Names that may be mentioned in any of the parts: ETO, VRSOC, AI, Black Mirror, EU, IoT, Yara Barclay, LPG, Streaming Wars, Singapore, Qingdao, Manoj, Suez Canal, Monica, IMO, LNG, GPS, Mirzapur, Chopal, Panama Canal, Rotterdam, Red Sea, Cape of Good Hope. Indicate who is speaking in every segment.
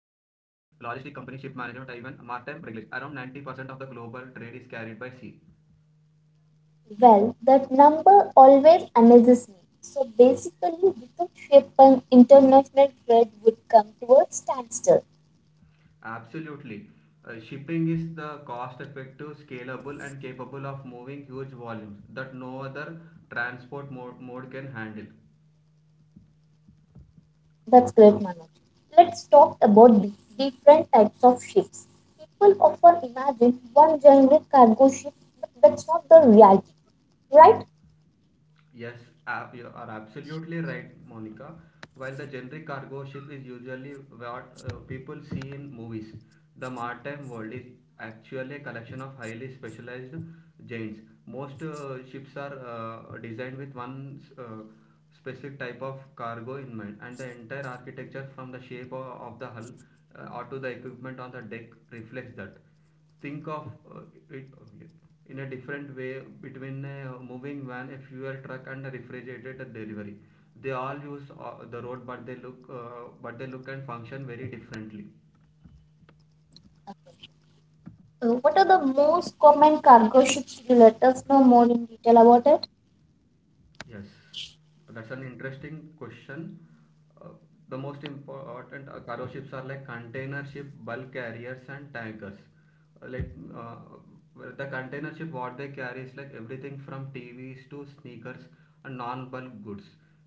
Speaker 1: management, even maritime regulation. Around 90% of the global trade is carried by sea.
Speaker 2: Well, that number always amazes me. So basically, without shipping, international trade would come to a standstill.
Speaker 1: Absolutely. Shipping is the cost effective, scalable, and capable of moving huge volumes that no other transport mode can handle.
Speaker 2: That's great, Manoj. Let's talk about the different types of ships. People often imagine one generic cargo ship, but that's not the reality, right?
Speaker 1: Yes, you are absolutely right, Monica. While the generic cargo ship is usually what people see in movies, the maritime world is actually a collection of highly specialized giants. Most ships are designed with one specific type of cargo in mind, and the entire architecture from the shape of the hull or to the equipment on the deck reflects that. Think of uh, it in a different way between a moving van, a fuel truck, and a refrigerated delivery. They all use the road, but they look and function very differently.
Speaker 2: What are the most common cargo ships? Could you let us know more in detail about it?
Speaker 1: Yes, that's an interesting question. Uh, the most important cargo ships are like container ship, bulk carriers, and tankers. Uh, like uh, where the container ship, what they carry is like everything from TVs to sneakers and non-bulk goods.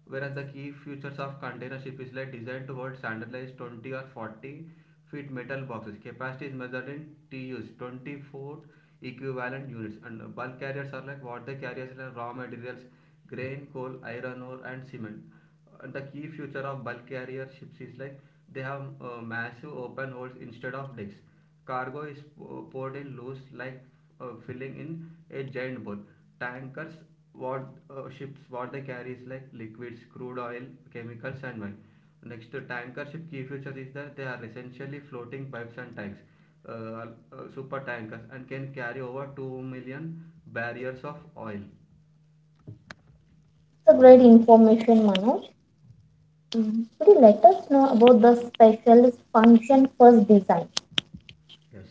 Speaker 1: Whereas the key features of container ship is like designed to hold standardized 20 or 40 feet metal boxes. Capacity is measured in TUs, 24 equivalent units. And Bulk carriers are like what they carry is like raw materials grain, coal, iron ore, and cement. And the key feature of bulk carrier ships is like they have massive open holds instead of decks. Cargo is poured in loose, like filling in a giant bowl. Tankers, what ships, what they carry is like liquids, crude oil, chemicals, and wine. Next, tanker ship key feature is that they are essentially floating pipes and tanks, uh, uh, super tankers, and can carry over 2 million barriers of oil.
Speaker 2: It's a great information, Manoj. Mm. Could you let us know about the specialist function first design?
Speaker 1: Yes.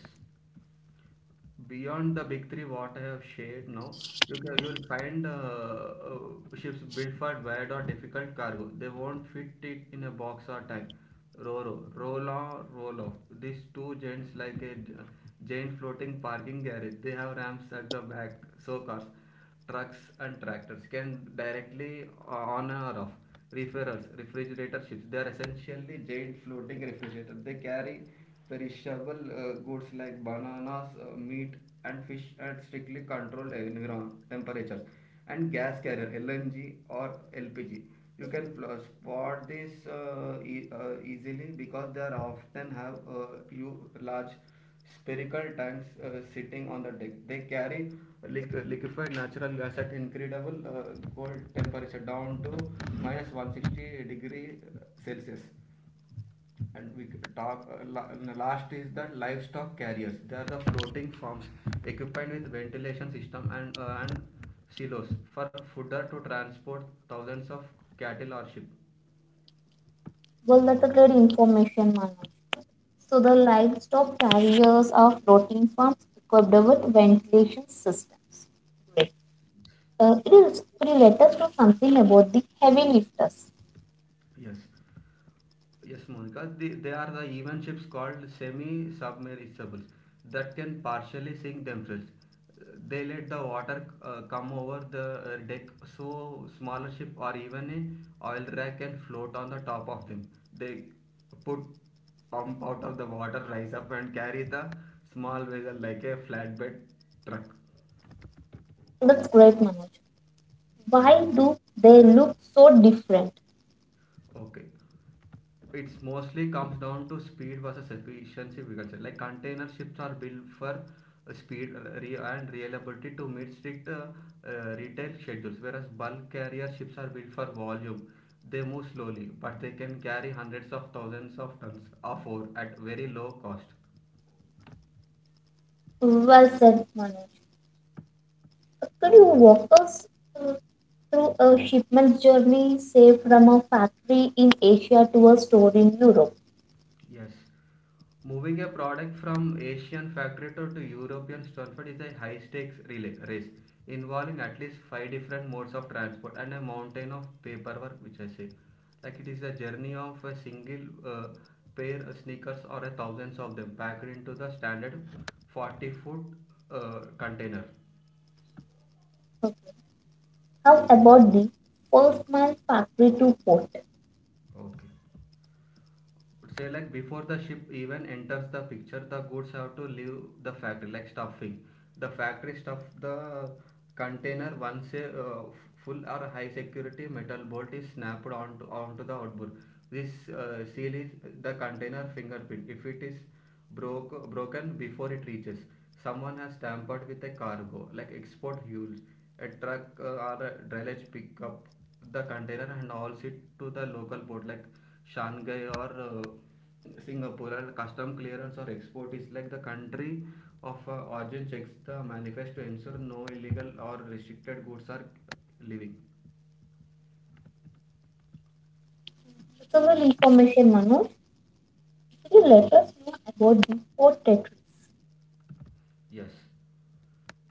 Speaker 1: Beyond the big three what I have shared now, you'll find ships built for wide or difficult cargo. They won't fit it in a box or tank. Roro, Rolo, Rolo. These two gents like a giant floating parking garage. They have ramps at the back, so cars, trucks, and tractors can directly on or off. Referrals, refrigerator ships. They are essentially giant floating refrigerators. They carry perishable goods like bananas, meat, and fish at strictly controlled environment temperatures and gas carrier LNG or LPG. You can spot this easily because they are often have you large spherical tanks sitting on the deck. They carry liquefied natural gas at incredible cold temperature down to minus 160 degree Celsius. And we talk uh, la- last is the livestock carriers. They are the floating farms equipped with ventilation system and and silos for fodder to transport thousands of cattle or sheep.
Speaker 2: Well, that's a great information, Manoj. So the livestock carriers are floating farms equipped with ventilation systems. Great. It is Could you let us know something about the heavy lifters?
Speaker 1: Yes. Yes, Monica, they are the even ships called semi-submersibles that can partially sink themselves. They let the water come over the deck so smaller ship or even a oil rack can float on the top of them. They put pump out of the water, rise up and carry the small vessel like a flatbed truck.
Speaker 2: That's great, Manoj. Why do they look so different?
Speaker 1: Okay. It's mostly comes down to speed versus efficiency, we can say. Like container ships are built for speed and reliability to meet strict retail schedules, whereas bulk carrier ships are built for volume. They move slowly, but they can carry hundreds of thousands of tons of ore at very low cost.
Speaker 2: Well said, Manoj. Could you walk us uh, through a shipment journey, say from a factory in Asia to a store in Europe?
Speaker 1: Yes. Moving a product from Asian factory to European Stanford is a high stakes relay race involving at least five different modes of transport and a mountain of paperwork, which I say. Like it is a journey of a single pair of sneakers or a thousands of them packed into the standard 40 foot container.
Speaker 2: Okay. How about the first mile, factory to port?
Speaker 1: Okay. Say like before the ship even enters the picture, the goods have to leave the factory. Like stuffing the factory stuff the container. Once a full or high security metal bolt is snapped onto the outboard, this seal is the container fingerprint. If it is broken before it reaches, someone has tampered with a cargo, like export mules. A truck or a dredge pick up the container and hauls it to the local port, like Shanghai or Singapore. And custom clearance or export is like the country of origin checks the manifest to ensure no illegal or restricted goods are leaving.
Speaker 2: Several information, Manoj. Could you let us know about the port territories?
Speaker 1: Yes.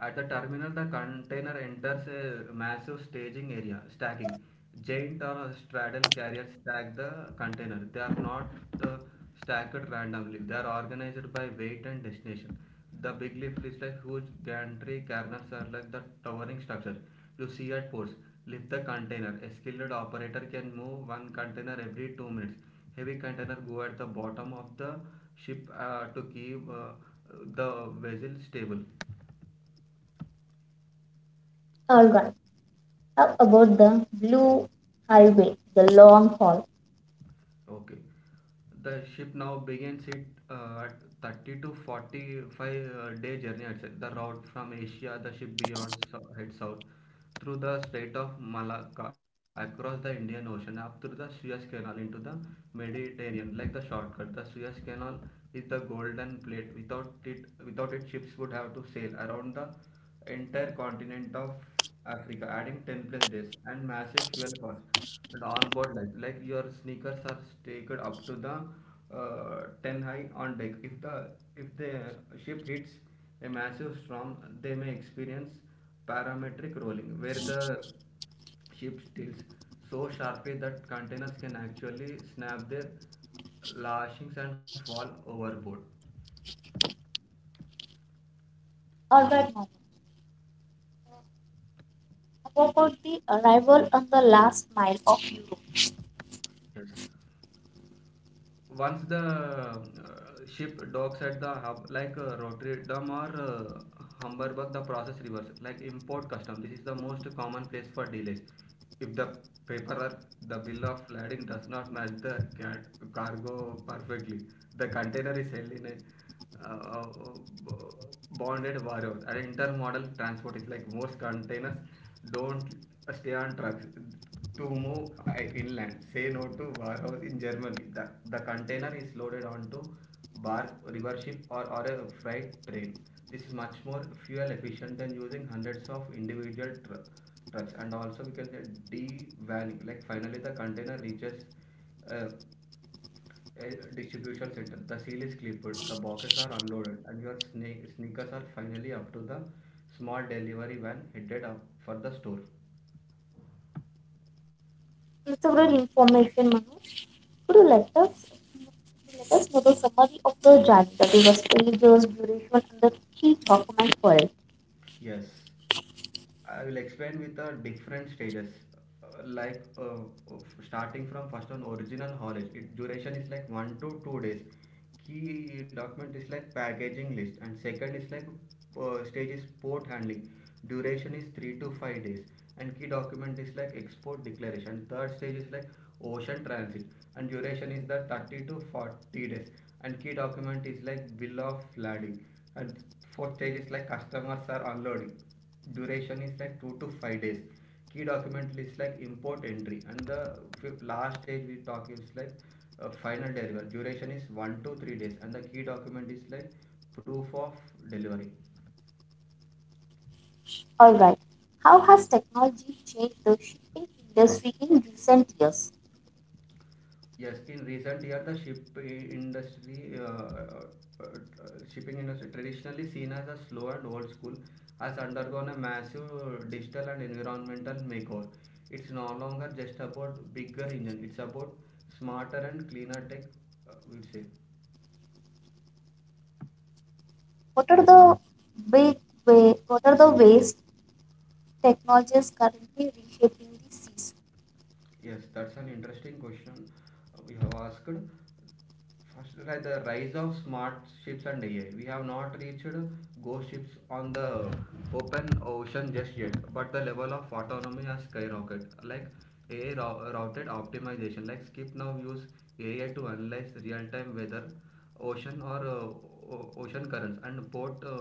Speaker 1: At the terminal, the container enters a massive staging area, stacking. Giant or straddle carriers stack the container. They are not uh, stacked randomly. They are organized by weight and destination. The big lift is like huge gantry carriers are like the towering structure you see at ports. Lift the container. A skilled operator can move one container every 2 minutes. Heavy container go at the bottom of the ship to keep the vessel stable.
Speaker 2: All right. How about the blue highway, the long haul?
Speaker 1: Okay. The ship now begins its 30 to 45 day journey itself. The route from Asia, the ship head south through the Strait of Malacca, across the Indian Ocean, up through the Suez Canal into the Mediterranean, like the shortcut. The Suez Canal is the golden plate. Without it, ships would have to sail around the entire continent of Africa, adding 10 plus days and massive fuel costs. And on board deck, like your sneakers are staked up to the 10 high on deck. If the ship hits a massive storm, they may experience parametric rolling where the ship tilts so sharply that containers can actually snap their lashings and fall overboard.
Speaker 2: All right, Manoj. How about the arrival and the last mile of Europe?
Speaker 1: Once the ship docks at the hub like Rotterdam or Hamburg, the process reverse. Like import custom, this is the most common place for delays. If the paper or the bill of lading does not match the cargo perfectly, the container is held in a uh, bonded warehouse. And intermodal transport is like most containers don't stay on trucks to move inland. Say no to warehouse in Germany. The container is loaded onto bark, river ship, or a freight train. This is much more fuel efficient than using hundreds of individual trucks. And also, we can say de-vanning. Like finally, the container reaches uh, a distribution center. The seal is clipped, the boxes are unloaded, and your sneakers are finally up to the small delivery van headed up for the store.
Speaker 2: Several information, Manoj. Could you let us know the summary of the journey, that is the stages, duration, and the key document for it.
Speaker 1: Yes. I will explain with the different stages. Uh, Like uh, Starting from first on original haulage, it duration is like 1 to 2 days. Key document is like packaging list. And second is like stage is port handling. Duration is 3 to 5 days, and key document is like export declaration. Third stage is like ocean transit, and duration is that 30 to 40 days, and key document is like bill of lading. And fourth stage is like customers are unloading. Duration is like 2 to 5 days. Key document list like import entry. And the fifth, last stage we talk is like final delivery. Duration is 1 to 3 days, and the key document is like proof of delivery.
Speaker 2: All right. How has technology changed the shipping industry in recent years?
Speaker 1: Yes, in recent year, the shipping industry, traditionally seen as a slow and old school, has undergone a massive digital and environmental makeover. It's no longer just about bigger engine; it's about smarter and cleaner tech, we'd say.
Speaker 2: What are the big what are the ways technologies currently reshaping the seas?
Speaker 1: Yes, that's an interesting question we have asked. First, like the rise of smart ships and AI, we have not reached ghost ships on the open ocean just yet, but the level of autonomy has skyrocketed. Like routed optimization, like Skip now use AI to analyze real-time weather, ocean or ocean currents, and port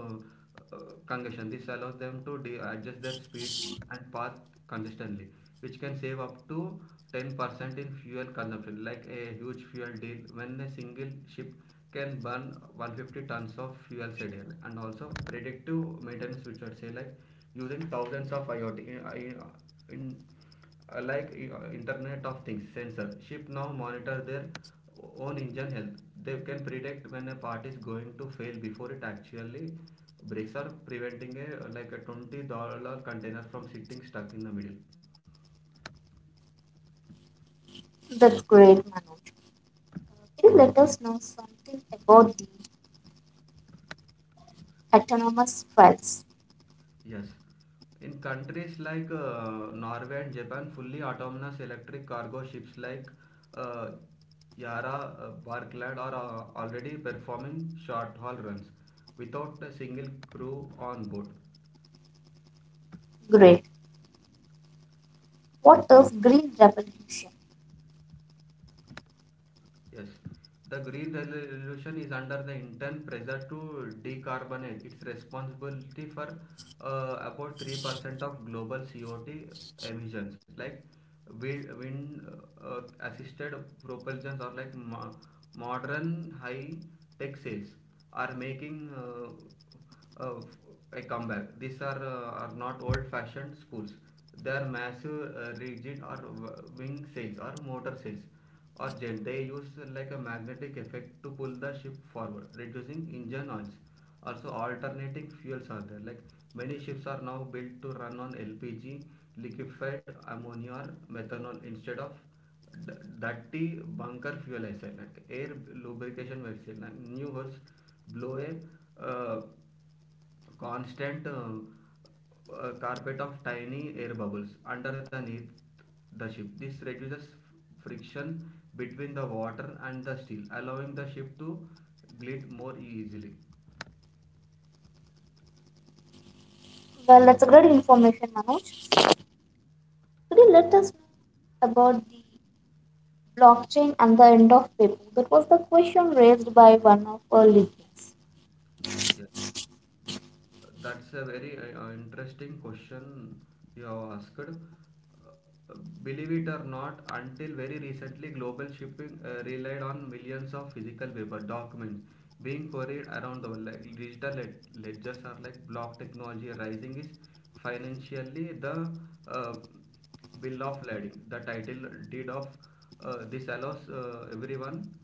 Speaker 1: uh, congestion. This allows them to adjust their speeds and path consistently, which can save up to 10% in fuel consumption, like a huge fuel deal when a single ship can burn 150 tons of fuels a day. And also predictive maintenance, which would say like using thousands of IoT in, like internet of things sensor ship now monitor their own engine health. They can predict when a part is going to fail before it actually breaks, or preventing a like a $20 container from sitting stuck in the middle.
Speaker 2: That's great, Manoj. Can you let us know something about the autonomous trials?
Speaker 1: Yes. In countries like Norway and Japan, fully autonomous electric cargo ships like uh, Yara, Barclay are already performing short haul runs without a single crew on board.
Speaker 2: Great. What is green revolution?
Speaker 1: Yes. The Green Revolution is under the intense pressure to decarbonate. It's responsibility for about 3% of global CO2 emissions, like wind assisted propulsions or like modern high tech sails are making uh, a comeback. These are not old-fashioned schools. They are massive, rigid, or wing sails, or motor sails, or jet. They use like a magnetic effect to pull the ship forward, reducing engine noise. Also, alternating fuels are there. Like many ships are now built to run on LPG, liquefied ammonia, or methanol instead of डट्टी bunker fuel ऐसा है like air lubrication वैसे है like new holes blow a uh, constant carpet of tiny air bubbles under the neath the ship. This reduces friction between the water and the steel, allowing the ship to glide more easily.
Speaker 2: Well, that's a great information, Manoj. Could you let us know about the blockchain and the end of paper? That was the question raised by one of our listeners.
Speaker 1: Yes, that's a very interesting question you have asked. Believe it or not, until very recently, global shipping relied on millions of physical paper documents being carried around the world. Like digital ledgers are like block technology rising is financially the uh, bill of lading. The title deed of this allows everyone,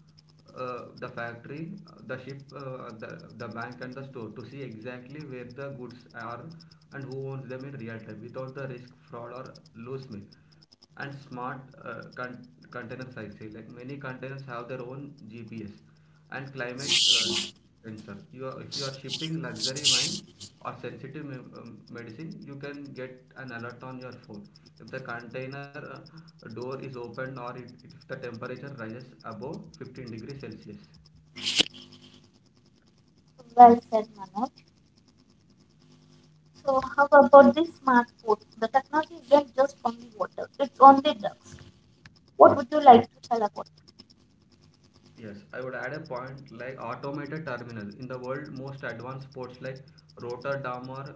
Speaker 1: the factory, the ship, the bank, and the store to see exactly where the goods are and who owns them in real time without the risk, fraud, or loose me. And smart containers, size like many containers have their own GPS and climate concern. You are, if you are shipping luxury wine or sensitive medicine, you can get an alert on your phone. If the container door is opened or it, if the temperature rises above 15 degrees Celsius.
Speaker 2: Well said, Manoj. So how about the smart food? The technology isn't just only water; it's only drugs. What would you like to tell about it?
Speaker 1: Yes, I would add a point like automated terminals. In the world, most advanced ports like Rotterdam or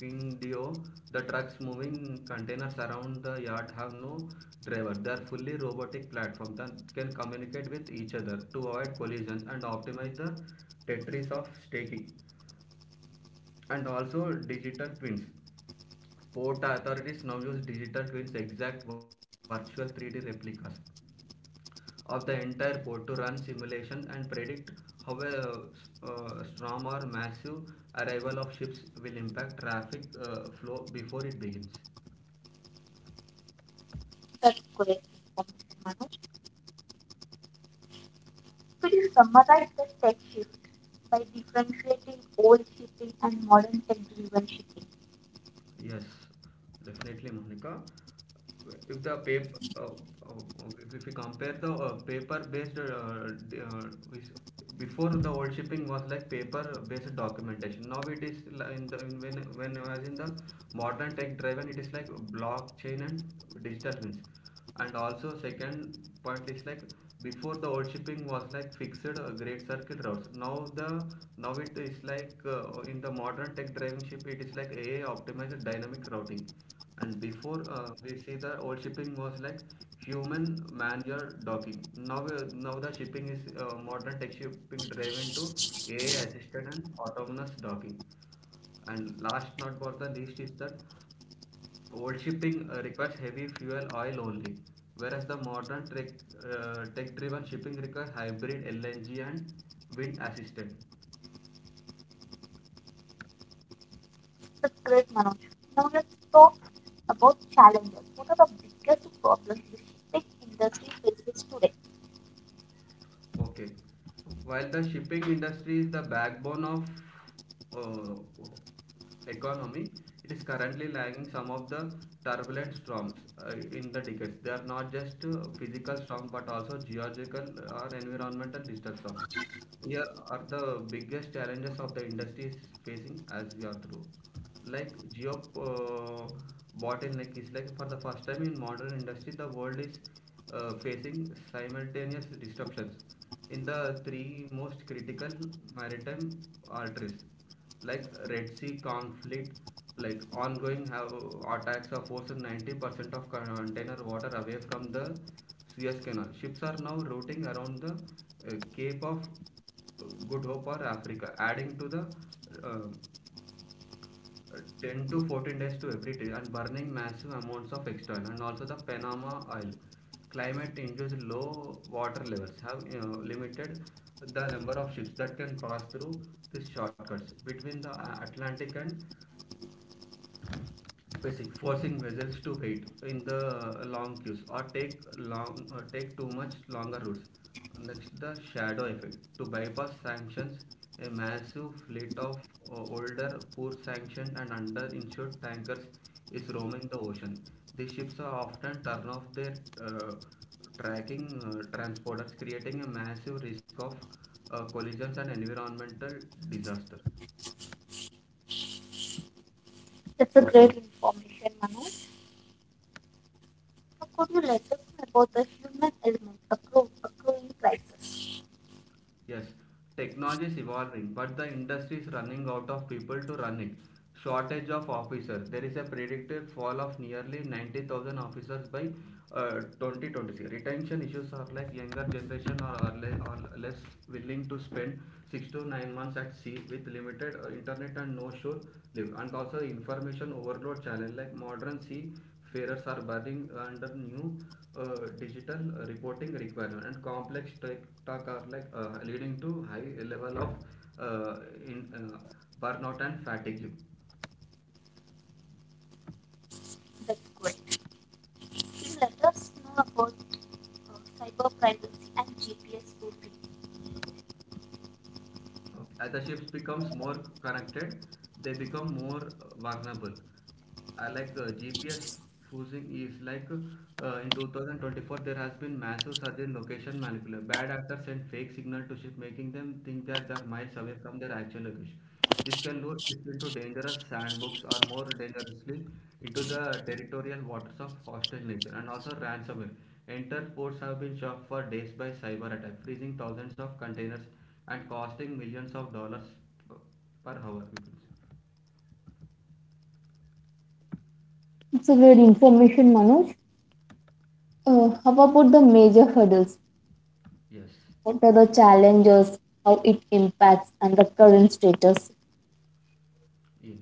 Speaker 1: Qingdao, the trucks moving containers around the yard have no driver. They are fully robotic platform that can communicate with each other to avoid collisions and optimize the Tetris of staking. And also digital twins. Port authorities now use digital twins, exact virtual 3D replicas of the entire port to run simulation and predict how a storm or massive arrival of ships will impact traffic flow before it begins.
Speaker 2: That's great information, Manoj. Could you summarize the tech shift by differentiating old shipping and modern tech-driven shipping?
Speaker 1: Yes, definitely, Monica. If the paper uh, uh, if, if we compare the paper based uh, is- before, the old shipping was like paper based documentation. Now it is li- in the in when I was in the modern tech driven, it is like blockchain and digital twins. And also second point is like before, the old shipping was like fixed great circle routes. Now it is like, in the modern tech driven ship, it is like AI optimized dynamic routing. And before, we see the old shipping was like human manual docking. Now the shipping is, modern tech shipping driven to AI assisted and autonomous docking. And last not for the least is that old shipping requires heavy fuel oil only, whereas the modern tech, tech-driven shipping requires hybrid LNG and wind assisted.
Speaker 2: That's great, Manoj. Now let's talk about challenges. What are the biggest problems the shipping industry faces today?
Speaker 1: Okay. While the shipping industry is the backbone of uh, economy, it is currently lagging some of the turbulent storms in the decades. They are not just physical storm but also geological or environmental disturbance. Here are the biggest challenges of the industry is facing as we are through. Like geo bottleneck is like, for the first time in modern industry, the world is facing simultaneous disruptions in the three most critical maritime arteries like Red Sea conflict, like ongoing have attacks of forcing 90% of container water away from the Suez Canal. Ships are now routing around the Cape of Good Hope or Africa, adding to the uh, 10 to 14 days to every tree and burning massive amounts of extra oil, and also the Panama oil. Climate induced low water levels have, you know, limited the number of ships that can pass through these shortcuts between the Atlantic and Basic, forcing vessels to wait in the long queues or take long take too much longer routes. Next, the shadow effect, to bypass sanctions, a massive fleet of older, poor sanctioned and underinsured tankers is roaming the ocean. These ships are often turn off their tracking transporters, creating a massive risk of collisions and environmental disaster.
Speaker 2: That's a great information, Manoj. Now could you let us know about the human element accruing crisis?
Speaker 1: Yes, technology is evolving, but the industry is running out of people to run it. Shortage of officers. There is a predicted fall of nearly 90,000 officers by 2026. Retention issues are like younger generation are less willing to spend 6 to 9 months at sea with limited internet and no shore live. And also information overload challenge like modern sea farers are burning under new digital reporting requirement and complex tech talk are like, leading to high level of uh, in uh, burnout and fatigue.
Speaker 2: That's great. Please let us know about cyber privacy and GPS spoofing.
Speaker 1: Okay. As the ships becomes more connected, they become more vulnerable. I like, GPS spoofing is like, in 2024 there has been massive surge in location manipulation. Bad actors send fake signal to ship, making them think that they are miles away from their actual location. This can lure ships into dangerous sandbox or, more dangerously, into the territorial waters of hostile nation, and also ransomware. Entire ports have been shocked for days by cyber attack, freezing thousands of containers and costing millions of dollars per hour.
Speaker 2: It's a great information, Manoj. How about the major hurdles?
Speaker 1: Yes.
Speaker 2: What are the challenges? How it impacts and the current status?
Speaker 1: Yeah.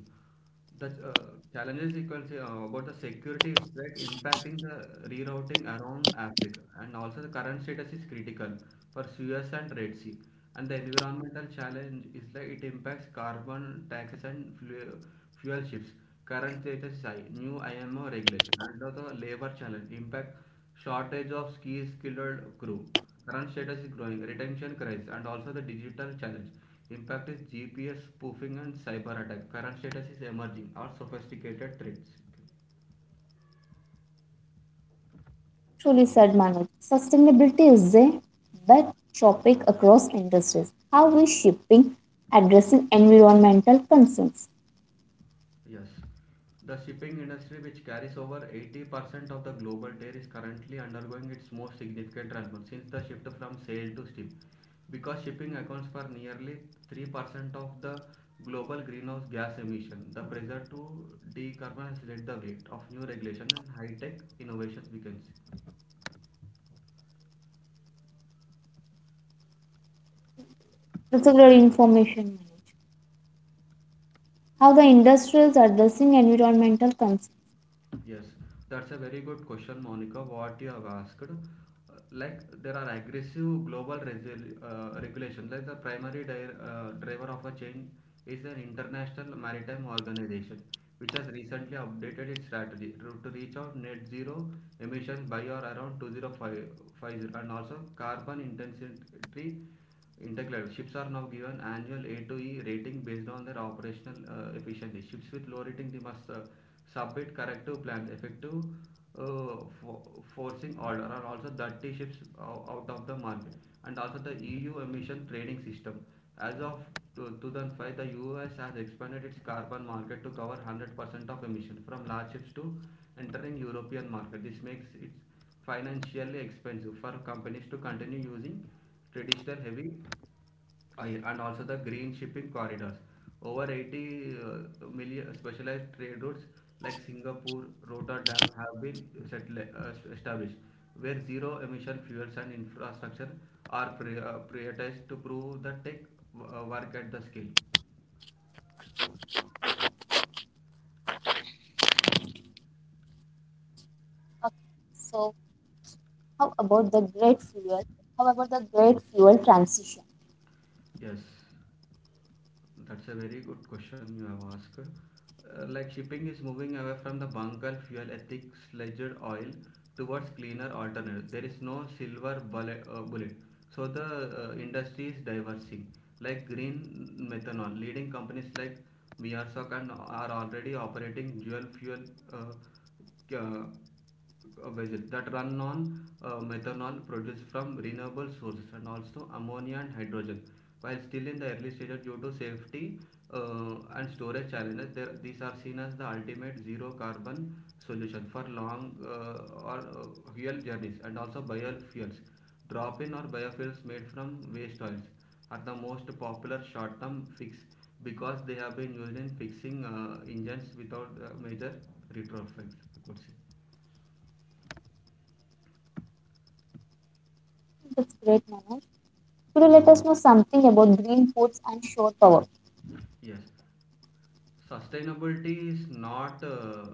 Speaker 1: The challenges you can say, about the security, it's like impacting the rerouting around Africa, and also the current status is critical for Suez and Red Sea. And the environmental challenge is like, it impacts carbon taxes and fuel ships. Current status is high, new IMO regulation, and also labor challenge impact shortage of skilled crew. Current status is growing, retention crisis, and also the digital challenge. Impact is GPS spoofing and cyber attack. Current status is emerging or sophisticated threats.
Speaker 2: Truly said, Manoj. Sustainability is a big topic across industries. How is shipping addressing environmental concerns?
Speaker 1: Yes. The shipping industry, which carries over 80% of the global trade, is currently undergoing its most significant transformation since the shift from sail to steam. Because shipping accounts for nearly 3% of the global greenhouse gas emission, the pressure to decarbonize has led the weight of new regulation and high-tech innovations begins.
Speaker 2: That's a great information, Manoj. How the industry is addressing environmental concerns.
Speaker 1: Yes, that's a very good question, Monica. What you have asked. Like there are aggressive global regulation. Like the primary driver of a change is an international maritime organization, which has recently updated its strategy to reach out net zero emissions by or around 2050. And also carbon intensity. Interclass ships are now given annual A to E rating based on their operational efficiency. Ships with low rating, they must submit corrective plans, effective uh, for, forcing order, and also 30 ships out of the market. And also the EU emission trading system. As of 2005, the US has expanded its carbon market to cover 100% of emission from large ships to entering European market. This makes it financially expensive for companies to continue using traditional heavy I-, and also the green shipping corridors. Over 80 million specialized trade routes like Singapore, Rotterdam have been established, where zero emission fuels and infrastructure are prioritized to prove that tech work at the scale.
Speaker 2: Okay, so How about the great fuel? How about the great fuel transition?
Speaker 1: Yes. That's a very good question you have asked. Like shipping is moving away from the bunker fuel ethics ledger oil towards cleaner alternative. There is no silver bullet. So the industry is diversing, like green methanol, leading companies like VRSOC and are already operating dual fuel uh, uh, vessels that run on methanol produced from renewable sources, and also ammonia and hydrogen. While still in the early stages due to safety and storage challenges, there, these are seen as the ultimate zero carbon solution for long or fuel journeys, and also biofuels. Drop-in or biofuels made from waste oils are the most popular short-term fix because they have been used in fixing engines without major retrofits. You could say.
Speaker 2: That's great, Manoj. Could you let us know something about green ports and shore power?
Speaker 1: Yes. Sustainability is not uh,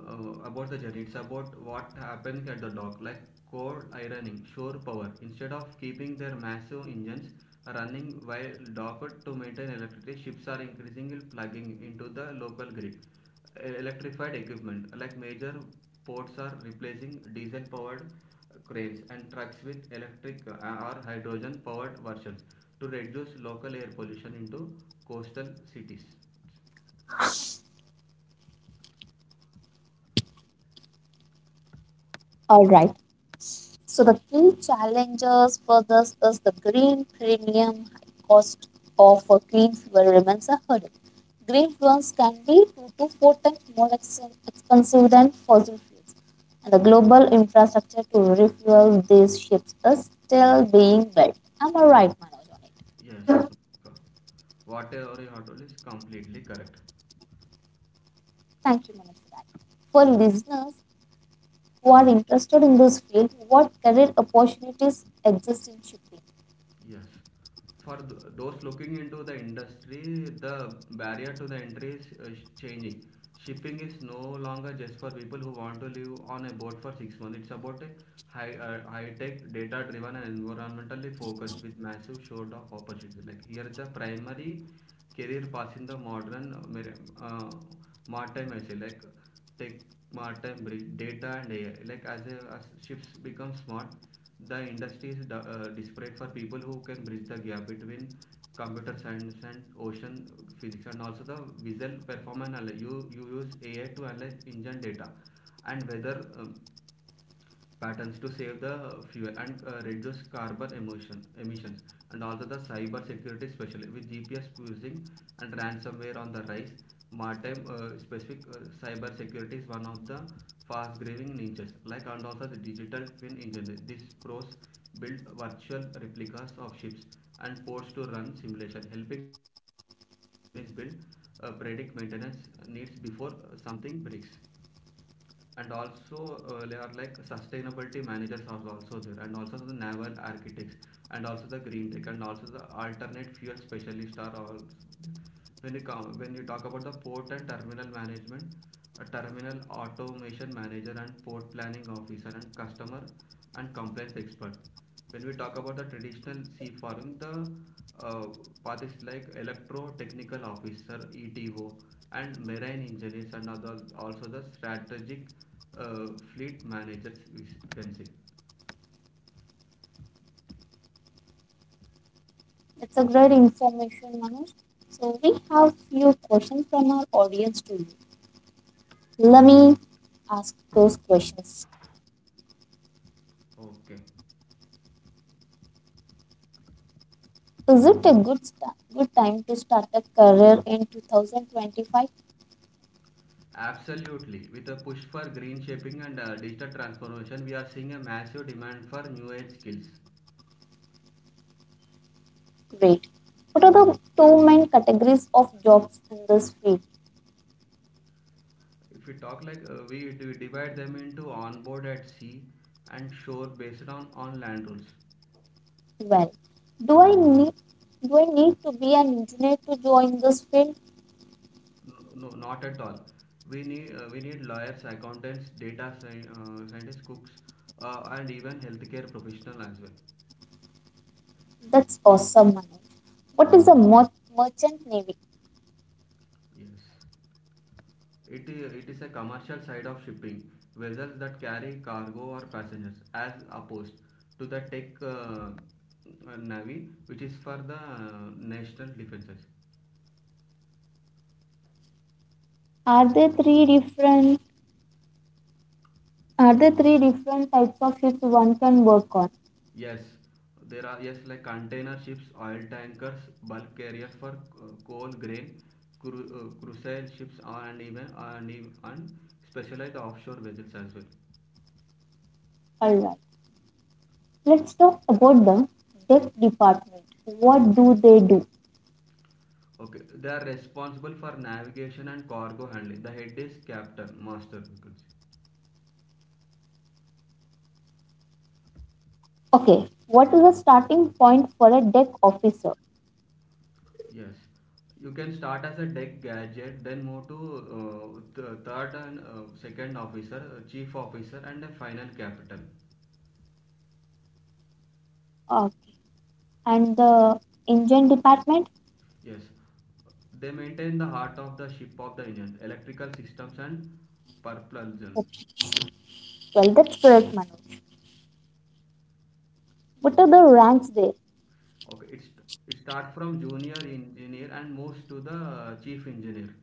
Speaker 1: uh, about the journey, it's about what happens at the dock, like coal ironing, shore power. Instead of keeping their massive engines running while docked to maintain electricity, ships are increasingly plugging into the local grid. Electrified equipment, like major ports, are replacing diesel powered cranes and trucks with electric or hydrogen powered versions to reduce local air pollution into coastal cities.
Speaker 2: All right. So the key challenges for this is the green premium, high cost of a clean fuel remains a hurdle. Green fuels can be two to four times more expensive than fossil fuels, and the global infrastructure to refuel these ships is still being built. Am I right, Manoj, on it?
Speaker 1: Yes, Monica. Whatever you have told is completely correct.
Speaker 2: Thank you, Manoj, for that. For listeners who are interested in this field, what career opportunities exist in shipping?
Speaker 1: Yes. For those looking into the industry, the barrier to the entry is changing. Shipping is no longer just for people who want to live on a boat for 6 months. It's about a high, high-tech, data-driven, and environmentally focused with massive short of opportunities. Like here, is the primary career path in the modern maritime, I say like tech maritime bridge data and ai like as ships become smart, the industry is desperate for people who can bridge the gap between computer science and ocean physics, and also the visual performance, you use ai to analyze engine data and whether patterns to save the fuel and reduce carbon emissions, and also the cyber security, especially with gps spoofing and ransomware on the rise. Maritime specific cyber security is one of the fast growing niches, like, and also the digital twin engine, this pros build virtual replicas of ships and ports to run simulation, helping companies build, predict maintenance needs before something breaks. And also there are like sustainability managers are also there, and also the naval architects, and also the green tech, and also the alternate fuel specialists are also there. When you talk about the port and terminal management, a terminal automation manager and port planning officer and customer and compliance expert. When we talk about the traditional sea farming, the uh, paths like electro technical officer ETO and marine engineers, and other also the strategic uh, fleet managers, we can say.
Speaker 2: That's a great information, Manoj. So we have few questions from our audience to you. Let me ask those questions.
Speaker 1: Okay,
Speaker 2: Is it a good start, good time to start a career in 2025?
Speaker 1: absolutely, with a push for green shaping and digital transformation, we are seeing a massive demand for new age skills.
Speaker 2: Great. What are the two main categories of jobs in this field?
Speaker 1: If we talk like we divide them into onboard at sea and shore based on land rules.
Speaker 2: Well, do I need do I need to be an engineer to join this field?
Speaker 1: No, not at all. We need lawyers, accountants, scientists, cooks, and even healthcare professional as well.
Speaker 2: That's awesome, Manoj. What is a merchant navy?
Speaker 1: Yes. It is a commercial side of shipping, vessels that carry cargo or passengers, as opposed to the tech navy, which is for the national defenses.
Speaker 2: Are there three different Are there three different types of ships one can work on?
Speaker 1: Yes, there are, yes, like container ships, oil tankers, bulk carriers for coal, grain, crucial ships, and and specialized offshore vessels as well.
Speaker 2: All right. Let's talk about the deck department. What do they do?
Speaker 1: Okay, they are responsible for navigation and cargo handling. The head is captain, master, you can say.
Speaker 2: Okay. What is the starting point for a deck officer?
Speaker 1: Yes, you can start as a deck gadget, then move to third and second officer, chief officer, and a final captain.
Speaker 2: Okay. And the engine department?
Speaker 1: Yes, they maintain the heart of the ship, of the engine, electrical systems and propulsion.
Speaker 2: Okay. Well, that's correct, Manoj. What are the ranks there?
Speaker 1: Okay, it starts from junior engineer and moves to the chief engineer.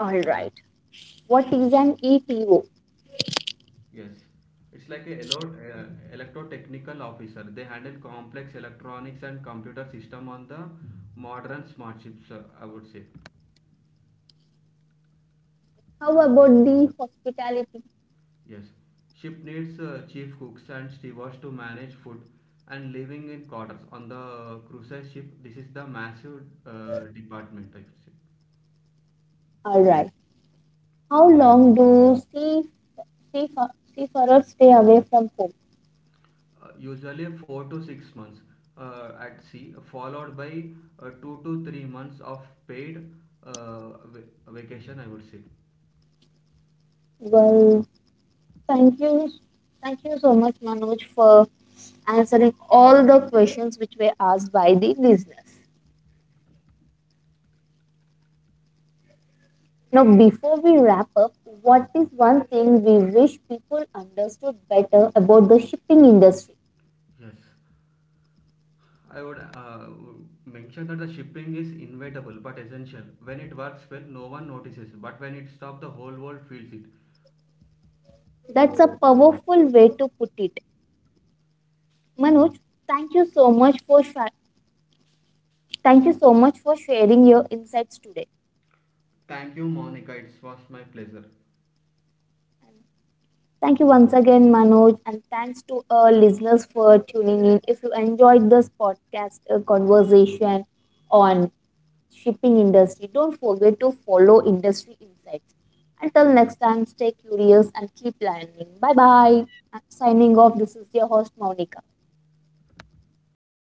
Speaker 2: All right. What is an ETO?
Speaker 1: Yes, it's like a electrotechnical officer. They handle complex electronics and computer system on the modern smart ships, I would say.
Speaker 2: How about the hospitality?
Speaker 1: Yes, ship needs chief cooks and stewards to manage food and living in quarters. On the cruise ship, this is the massive department, I should say.
Speaker 2: All right. How long do sea seafarers stay away from home?
Speaker 1: Usually 4 to 6 months at sea, followed by 2 to 3 months of paid uh, va- vacation, I would say.
Speaker 2: Well, thank you, thank you so much, Manoj, for answering all the questions which were asked by the listeners. Now, before we wrap up, what is one thing we wish people understood better about the shipping industry?
Speaker 1: Yes, I would mention that the shipping is inevitable but essential. When it works well, no one notices, but when it stops, the whole world feels it.
Speaker 2: That's a powerful way to put it. Manoj, thank you so much for sh- thank you so much for sharing your insights today.
Speaker 1: Thank you, Monica. It was my pleasure.
Speaker 2: Thank you once again, Manoj, and thanks to our listeners for tuning in. If you enjoyed this podcast conversation on shipping industry, don't forget to follow Industry Insights. Until next time, stay curious and keep learning. Bye bye. Signing off. This is your host, Monica.